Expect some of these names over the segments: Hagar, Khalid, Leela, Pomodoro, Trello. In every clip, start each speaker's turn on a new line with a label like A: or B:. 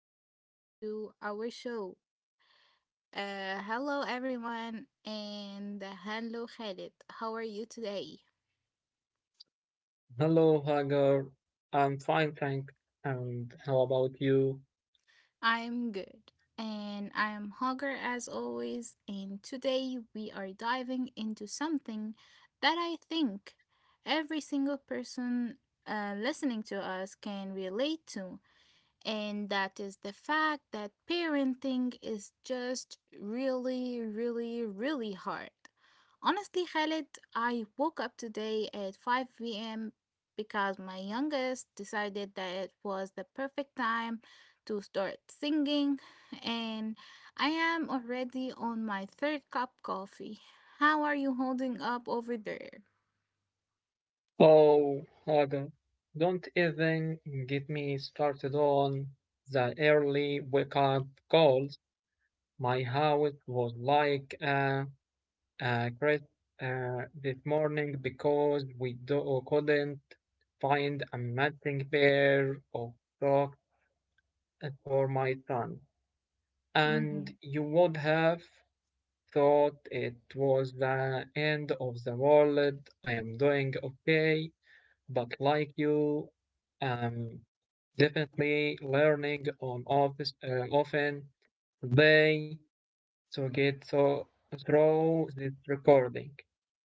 A: Welcome back to our show. Hello, everyone, and hello, Khalid. How are you today?
B: Hello, Hagar. I'm fine, thank. And how about you?
A: I'm good, and I'm hungry as always. And today we are diving into something that I think every single person listening to us can relate to, and that is the fact that parenting is just really, really, really hard. Honestly, Khalid, I woke up today at 5 p.m. because my youngest decided that it was the perfect time to start singing, and I am already on my third cup coffee. How are you holding up over there?
B: Oh, Hagar, don't even get me started on the early wake up calls. My house was like a crash this morning because couldn't find a matching pair of socks for my son.
A: Mm-hmm.
B: And you would have thought it was the end of the world. I am doing okay, but like you, I'm definitely learning on office often today to get so through this recording.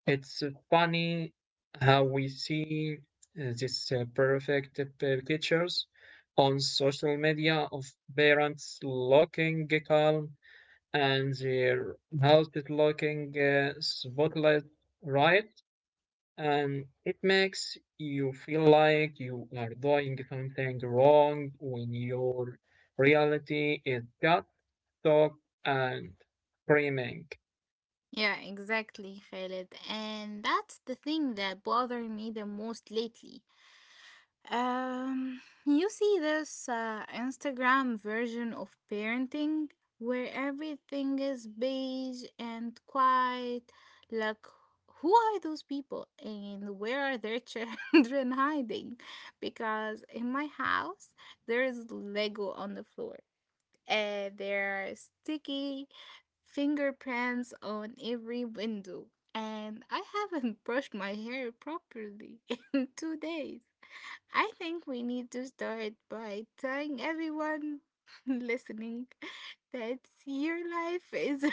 B: It's funny how we see this perfect pictures on social media of parents looking calm and their house is looking spotless, right? And it makes you feel like you are doing something wrong when your reality is just talk and screaming.
A: Yeah, exactly, Khalid. And that's the thing that bothered me the most lately. Um, you see this Instagram version of parenting where everything is beige and quiet. Like, who are those people and where are their children hiding? Because in my house, there is Lego on the floor. And there are sticky fingerprints on every window, and I haven't brushed my hair properly in 2 days. I think we need to start by telling everyone listening that your life is.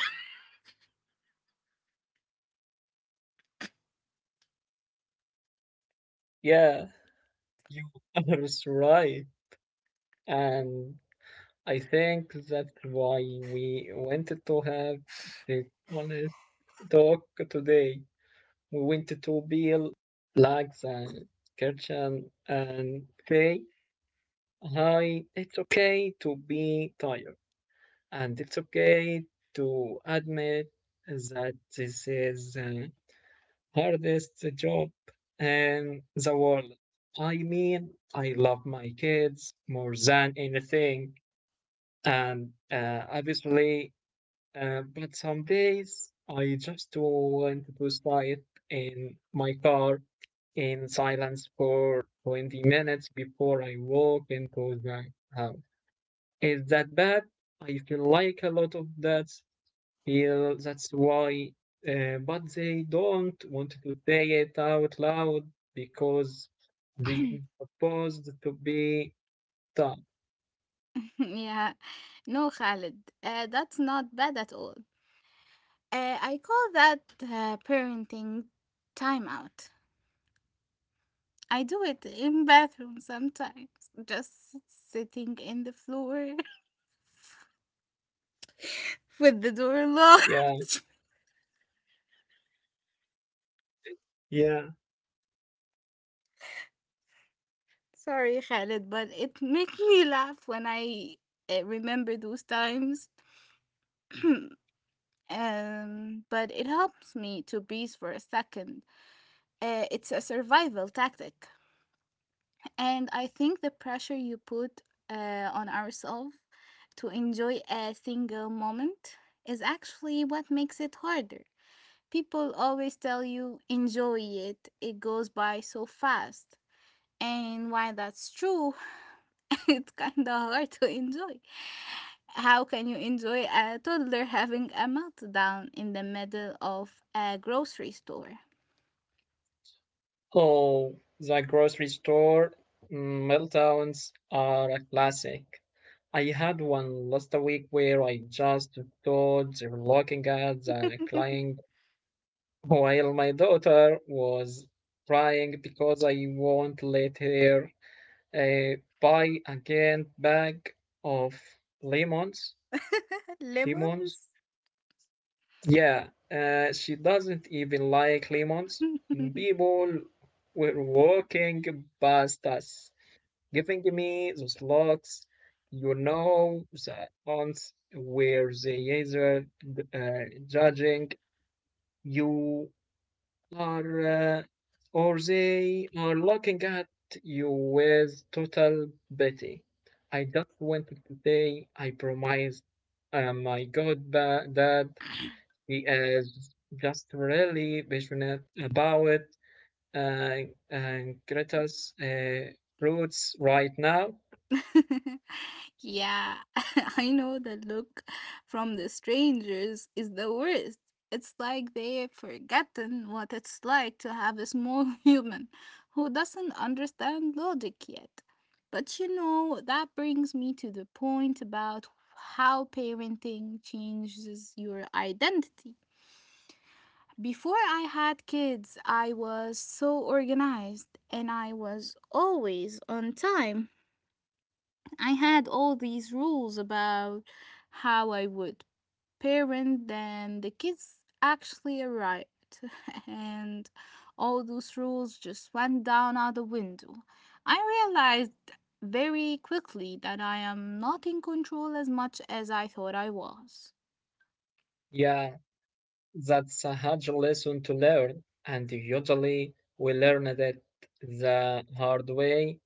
B: Yeah, you are right. And I think that's why we wanted to have this honest talk today. We went to Bill, Lags, and Kirchen, and say, hi, it's okay to be tired, and it's okay to admit that this is the hardest job in the world. I mean, I love my kids more than anything, and obviously, but some days I just want to sleep in my car in silence for 20 minutes before I walk into the house. Is that bad? I feel like a lot of that feel that's why, but they don't want to say it out loud because they are supposed to be tough.
A: Yeah, no, Khalid, that's not bad at all. I call that parenting timeout. I do it in bathroom sometimes, just sitting in the floor with the door
B: Yeah,
A: locked.
B: yeah.
A: Sorry, Khaled, but it makes me laugh when I remember those times. But it helps me to breathe for a second. It's a survival tactic, and I think the pressure you put on ourselves to enjoy a single moment is actually what makes it harder. People always tell you enjoy it, it goes by so fast. And while that's true, it's kinda hard to enjoy. How can you enjoy a toddler having a meltdown in the middle of a grocery store?
B: Oh, the grocery store meltdowns are a classic. I had one last week where I just stood there looking at the crying while my daughter was crying because I won't let her buy again bag of lemons. Lemons?
A: Lemons?
B: Yeah, she doesn't even like lemons. People were walking past us giving me those looks, you know, the ones where the user uh, judging you are, uh, or they are looking at you with total pity. I just wanted to say, I promised my god that he is just really passionate about uh, uh, Greta's roots right now.
A: Yeah, I know the look from the strangers is the worst. It's like they've forgotten what it's like to have a small human who doesn't understand logic yet. But you know, that brings me to the point about how parenting changes your identity. Before I had kids, I was so organized and I was always on time. I had all these rules about how I would parent, then the kids actually arrived, and all those rules just went down out the window. I realized very quickly that I am not in control as much as I thought I was.
B: Yeah, that's a hard lesson to learn, and usually we learn it the hard way.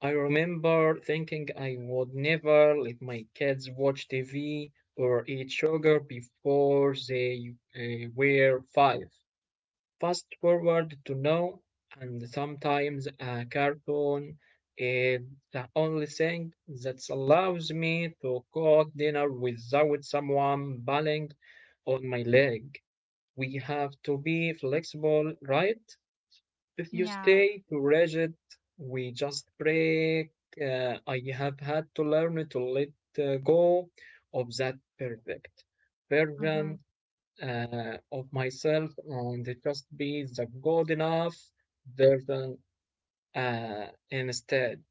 B: I remember thinking I would never let my kids watch TV or eat sugar before they were five. Fast forward to now, and sometimes a cartoon is the only thing that allows me to cook dinner without someone banging on my leg. We have to be flexible, right? If you
A: Yeah.
B: stay too rigid, we just break. I have had to learn to let go of that perfect
A: Mm-hmm.
B: version of myself and just be the good enough version instead.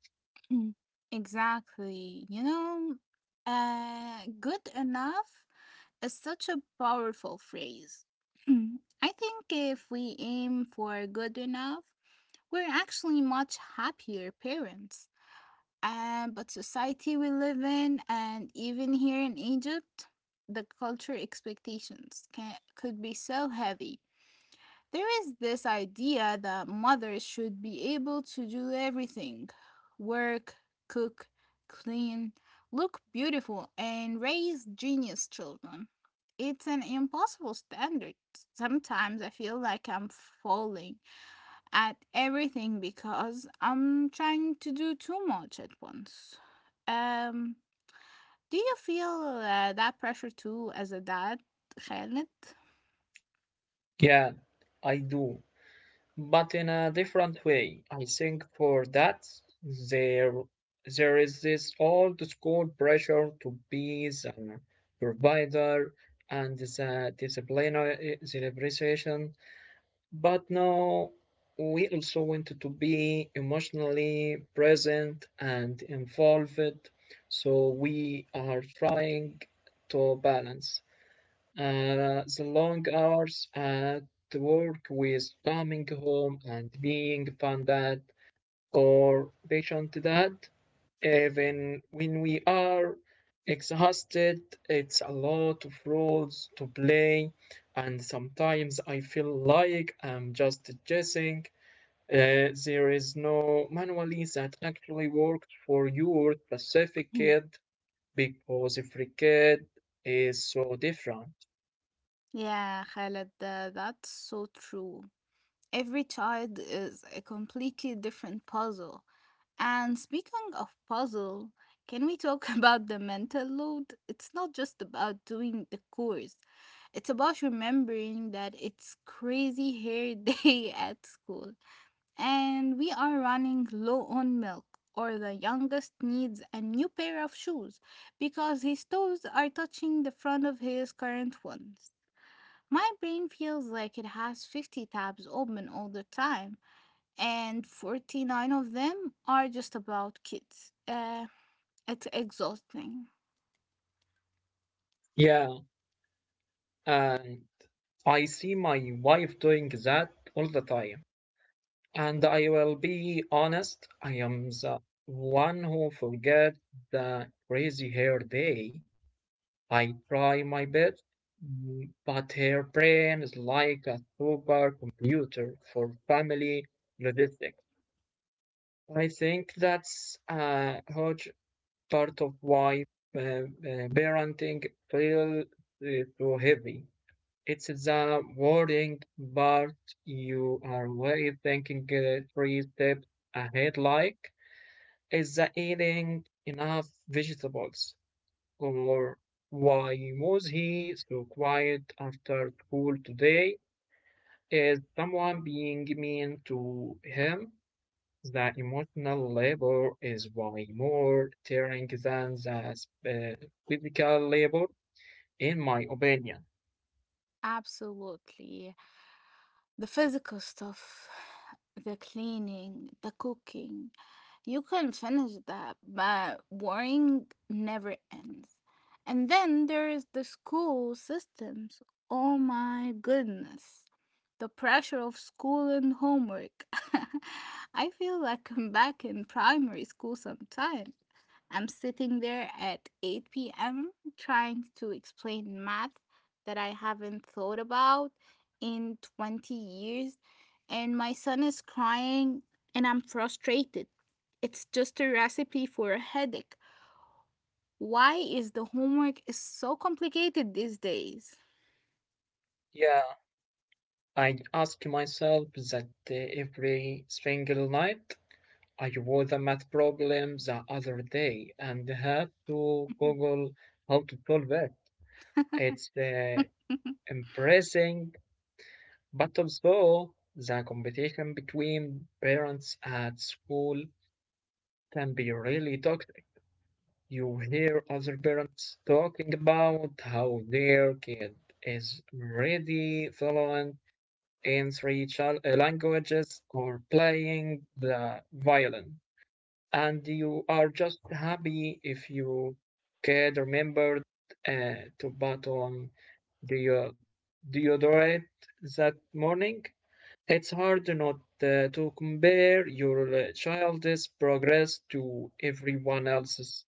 A: Exactly. You know, good enough is such a powerful phrase. Hmm, I think if we aim for good enough, we're actually much happier parents. And but society we live in, and even here in Egypt, the culture expectations can, could be so heavy. There is this idea that mothers should be able to do everything: work, cook, clean, look beautiful, and raise genius children. It's an impossible standard. Sometimes I feel like I'm falling at everything because I'm trying to do too much at once. Um, do you feel that pressure too as a dad, Khaled?
B: Yeah, I do, but in a different way. I think for that there there is this old school pressure to be the provider and the disciplinary celebration. But now we also want to be emotionally present and involved, so we are trying to balance. The long hours at work with coming home and being fun dad or patient dad, even when we are exhausted, it's a lot of roles to play, and sometimes I feel like I'm just guessing. There is no manually that actually works for your specific kid because every kid is so different.
A: Yeah, Khaled, that's so true. Every child is a completely different puzzle. And speaking of puzzle, can we talk about the mental load? It's not just about doing the course. It's about remembering that it's crazy hair day at school, and we are running low on milk, or the youngest needs a new pair of shoes because his toes are touching the front of his current ones. My brain feels like it has 50 tabs open all the time, and 49 of them are just about kids. It's exhausting.
B: Yeah, and I see my wife doing that all the time. And I will be honest, I am the one who forget the crazy hair day. I try my best, but her brain is like a supercomputer for family logistics. I think that's a huge part of why uh, uh, parenting feels so heavy. It's the worrying part you are way thinking three steps ahead like, is the eating enough vegetables? Or why was he so quiet after school today? Is someone being mean to him? The emotional labor is way more tiring than the uh, physical labor, in my opinion.
A: Absolutely. The physical stuff, the cleaning, the cooking, you can finish that, but worrying never ends. And then there is the school systems. Oh my goodness. The pressure of school and homework. I feel like I'm back in primary school sometime. I'm sitting there at 8 p.m. trying to explain math that I haven't thought about in 20 years, and my son is crying, and I'm frustrated. It's just a recipe for a headache. Why is the homework is so complicated these days?
B: Yeah, I ask myself that every single night. I wrote the math problem the other day and had to Google how to solve it. It's impressing, but also the competition between parents at school can be really toxic. You hear other parents talking about how their kid is already following in three languages or playing the violin. And you are just happy if you could remember to put on the deodorant that morning. It's hard not to compare your child's progress to everyone else's,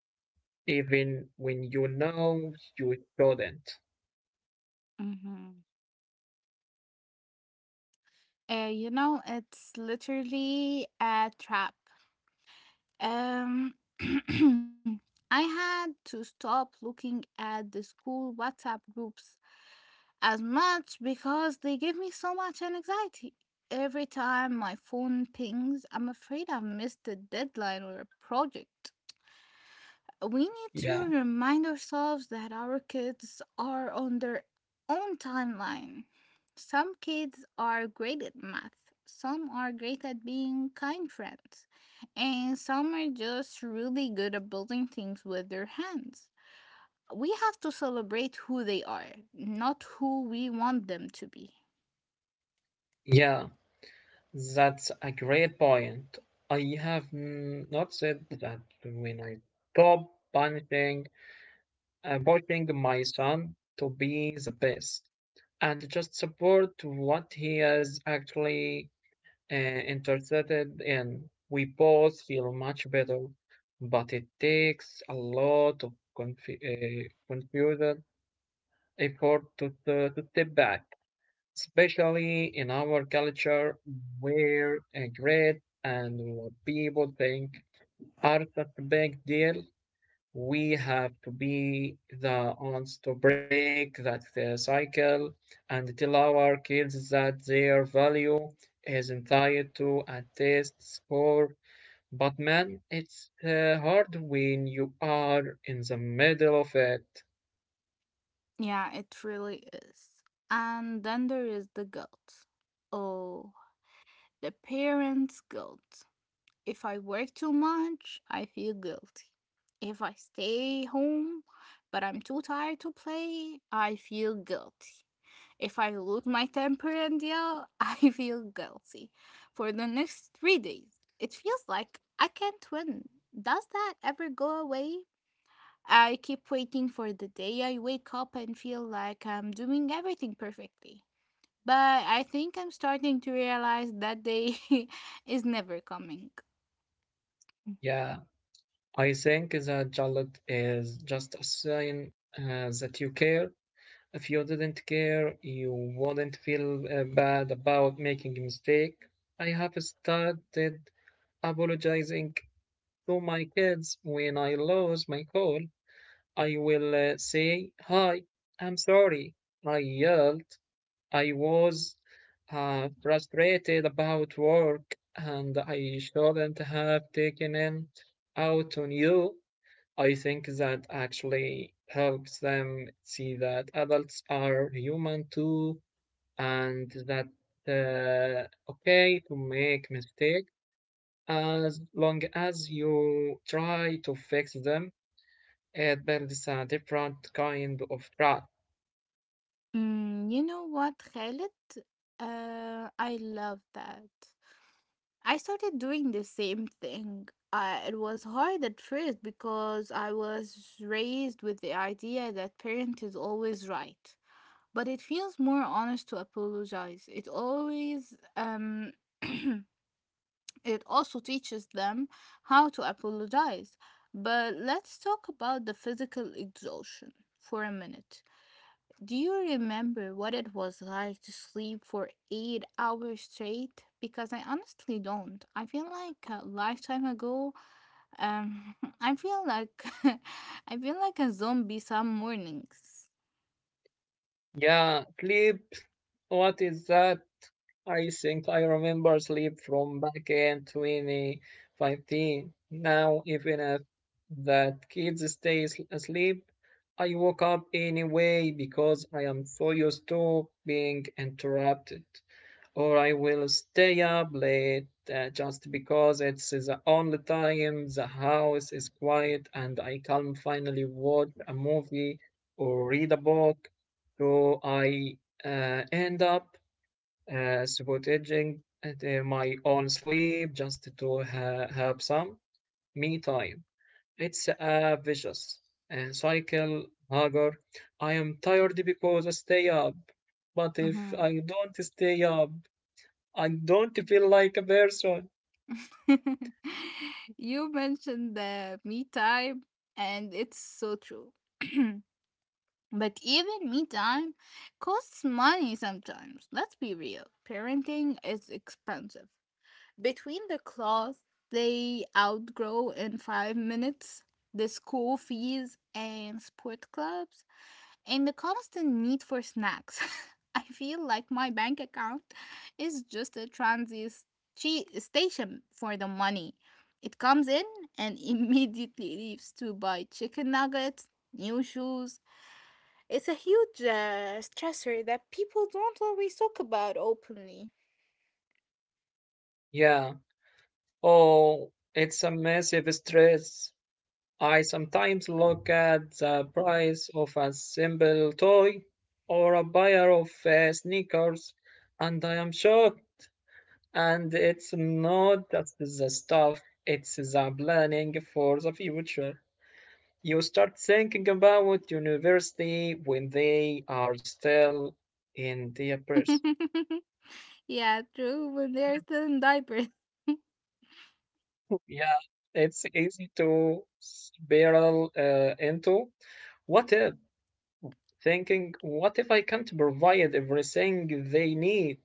B: even when you know you shouldn't.
A: Mhm. You know, it's literally a trap. Um, I had to stop looking at the school WhatsApp groups as much because they give me so much anxiety. Every time my phone pings, I'm afraid I've missed a deadline or a project. We need to
B: Yeah,
A: remind ourselves that our kids are on their own timeline. Some kids are great at math, some are great at being kind friends, and some are just really good at building things with their hands. We have to celebrate who they are, not who we want them to be.
B: yeah. That's a great point. I have noticed that when I stop punishing, pushing my son to be the best and just support what he is actually uh, interested in, we both feel much better. But it takes a lot of confused effort to step back, especially in our culture where a grade and what people think are such a big deal. We have to be the ones to break that cycle and tell our kids that their value isn't tied to a test score. But man, it's hard when you are in the middle of it.
A: Yeah, it really is. And then there is the guilt. Oh, the parents' guilt. If I work too much, I feel guilty. If I stay home but I'm too tired to play, I feel guilty. If I lose my temper and yell, I feel guilty for the next 3 days. It feels like I can't win. Does that ever go away? I keep waiting for the day I wake up and feel like I'm doing everything perfectly. But I think I'm starting to realize that day is never coming.
B: Yeah. I think that Charlotte is just a sign that you care. If you didn't care, you wouldn't feel bad about making a mistake. I have started apologizing to my kids when I lose my call. I will say, hi, I'm sorry. I yelled. I was frustrated about work and I shouldn't have taken it out on you. I think that actually helps them see that adults are human too, and that okay to make mistakes as long as you try to fix them. It builds a different kind of trust.
A: Mm, you know what, Khaled? I love that. I started doing the same thing. It was hard at first because I was raised with the idea that parent is always right. But it feels more honest to apologize. It always it also teaches them how to apologize. But let's talk about the physical exhaustion for a minute. Do you remember what it was like to sleep for 8 hours straight? Because I honestly don't. I feel like a lifetime ago. Um, I feel like I feel like a zombie some mornings.
B: Yeah, sleep. What is that? I think I remember sleep from back in 2015. Now, even if that kids asleep, I woke up anyway because I am so used to being interrupted, or I will stay up late just because it's the only time the house is quiet and I can finally watch a movie or read a book. So I end up sabotaging my own sleep just to have some me time. It's a vicious cycle, Hagar. I am tired because I stay up, but if
A: Mhm.
B: I don't stay up, I don't feel like a person.
A: You mentioned the me time, and it's so true. But even me time costs money sometimes. Let's be real. Parenting is expensive. Between the clothes they outgrow in 5 minutes, the school fees and sport clubs, and the constant need for snacks. I feel like my bank account is just a transit station for the money. It comes in and immediately leaves to buy chicken nuggets, new shoes. It's a huge stressor that people don't always talk about openly.
B: Yeah. Oh, it's a massive stress. I sometimes look at the price of a simple toy or a pair of sneakers and I am shocked. And it's not just the stuff, it's the planning for the future. You start thinking about university when they are still in their press.
A: Yeah, true, when they're still in diapers.
B: Yeah, it's easy to spiral into what if thinking, what if I can't provide everything they need?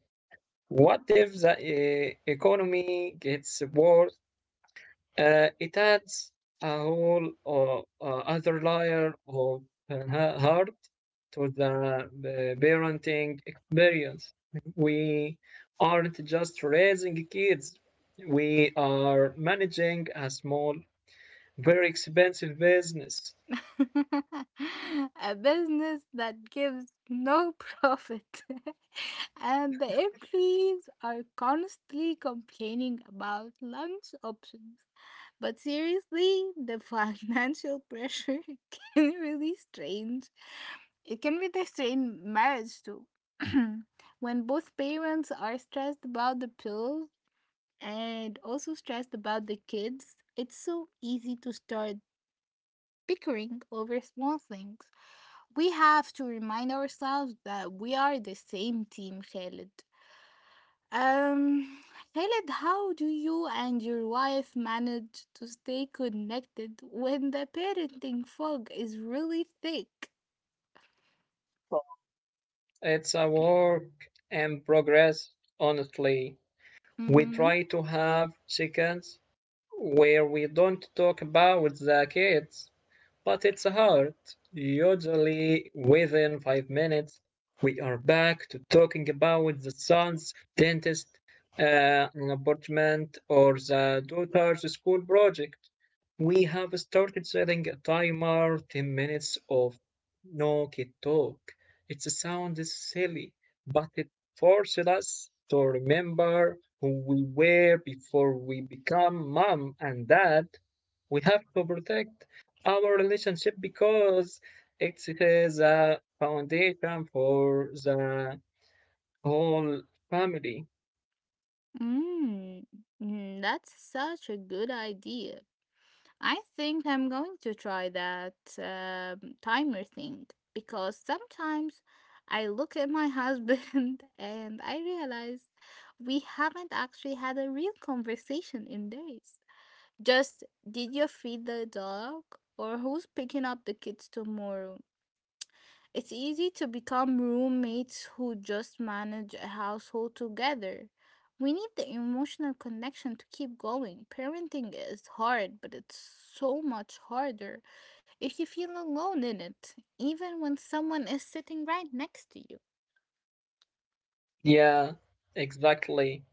B: What if the economy gets worse? It adds a whole other layer of heart to the parenting experience. We aren't just raising kids, we are managing a small, very expensive business.
A: A business that gives no profit and the employees are constantly complaining about lunch options, but seriously the financial pressure can really strange. It can be the same marriage too. When both parents are stressed about the bills and also stressed about the kids, it's so easy to start bickering over small things. We have to remind ourselves that we are the same team, Khaled. Um, Khaled, how do you and your wife manage to stay connected when the parenting fog is really thick?
B: It's a work in progress, honestly. We
A: Mm-hmm.
B: try to have chickens where we don't talk about the kids, but it's hard. Usually within 5 minutes, we are back to talking about the son's dentist an apartment or the daughter's school project. We have started setting a timer, 10 minutes of no kid talk. It sounds silly, but it forces us to remember who we were before we become mom and dad. We have to protect our relationship because it is a foundation for the whole family.
A: Mm, mm, that's such a good idea. I think I'm going to try that timer thing because sometimes I look at my husband and I realize we haven't actually had a real conversation in days. Just, did you feed the dog? Or who's picking up the kids tomorrow? It's easy to become roommates who just manage a household together. We need the emotional connection to keep going. Parenting is hard, but it's so much harder if you feel alone in it, even when someone is sitting right next to you.
B: Yeah, exactly.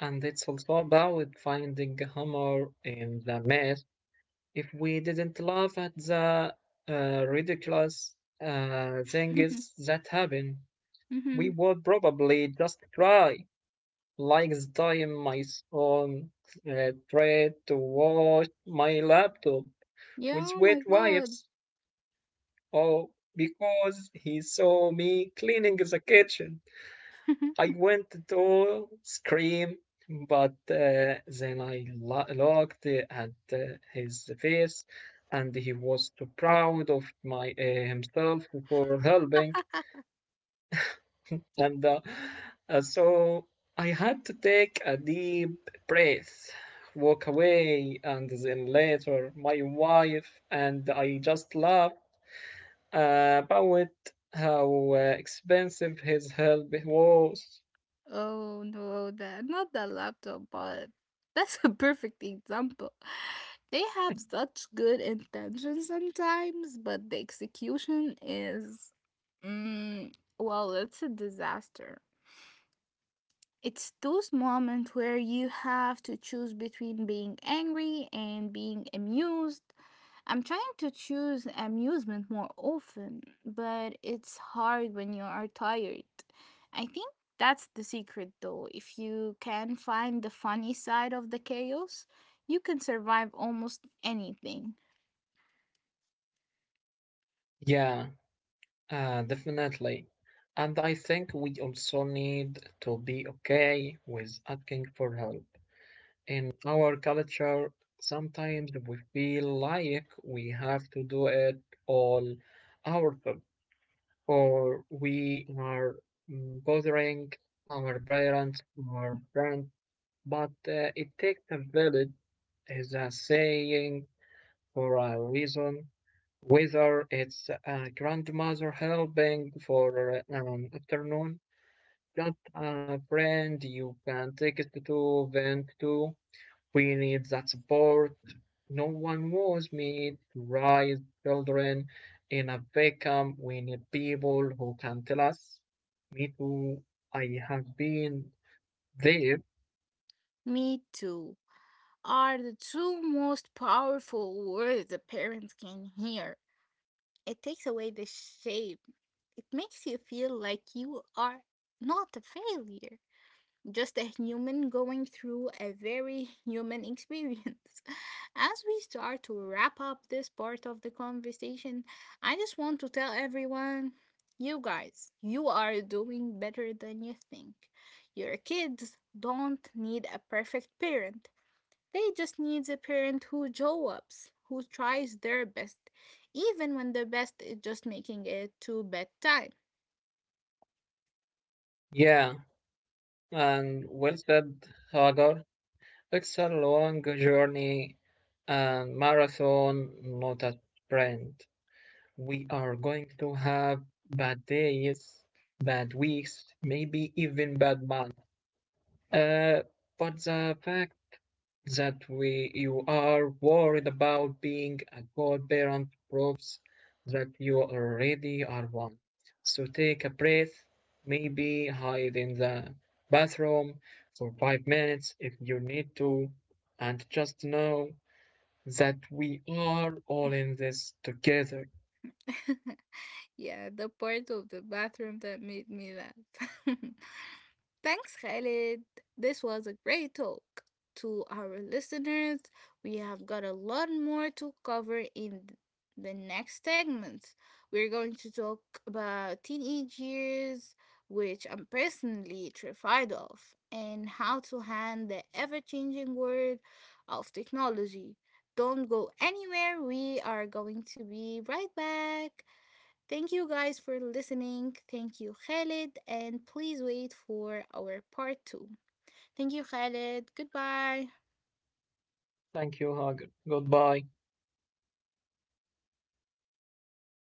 B: And it's also about finding humor in the mess. If we didn't laugh at the ridiculous things that happen, we
A: Mhm.
B: would probably just cry. Like the time my son tried to wash my laptop
A: Yeah,
B: with
A: oh
B: wet
A: my god.
B: wipes, oh, because he saw me cleaning the kitchen. I went to scream, but then I looked at his face, and he was too proud of my himself for helping, and so I had to take a deep breath, walk away, and then later my wife and I just laughed about how expensive his help was.
A: Oh no, that not that laptop, but that's a perfect example. They have such good intentions sometimes, but the execution is, mm, well, it's a disaster. It's those moments where you have to choose between being angry and being amused. I'm trying to choose amusement more often, but it's hard when you are tired. I think that's the secret though. If you can find the funny side of the chaos, you can survive almost anything.
B: Yeah, definitely. And I think we also need to be okay with asking for help. In our culture, sometimes we feel like we have to do it all ourselves, or we are bothering our parents or friends. But it takes a village, is a saying for a reason, whether it's a grandmother helping for an afternoon, just a friend you can take it to vent to. We need that support. No one was made to raise children in a vacuum. We need people who can tell us, me too. I have been there.
A: Me too are the two most powerful words a parent can hear. It takes away the shame. It makes you feel like you are not a failure, just a human going through a very human experience. As we start to wrap up this part of the conversation, I just want to tell everyone, you guys, you are doing better than you think. Your kids don't need a perfect parent, they just needs a parent who show ups, who tries their best, even when the best is just making it to bedtime.
B: Yeah, and well said, Hagar. It's a long journey and marathon, not a sprint. We are going to have bad days, bad weeks, maybe even bad months. Uh, but the fact that we you are worried about being a good parent proves that you already are one. So take a breath, maybe hide in the bathroom for 5 minutes if you need to, and just know that we are all in this together.
A: Yeah, the part of the bathroom that made me laugh. Thanks, Khalid. This was a great talk. To our listeners, we have got a lot more to cover in the next segments. We're going to talk about teenage years, which I'm personally terrified of, and how to handle the ever changing world of technology. Don't go anywhere, we are going to be right back. Thank you guys for listening. Thank you, Khalid, and please wait for our part two. Thank you, Khalid. Goodbye.
B: Thank you, Hagar. Goodbye.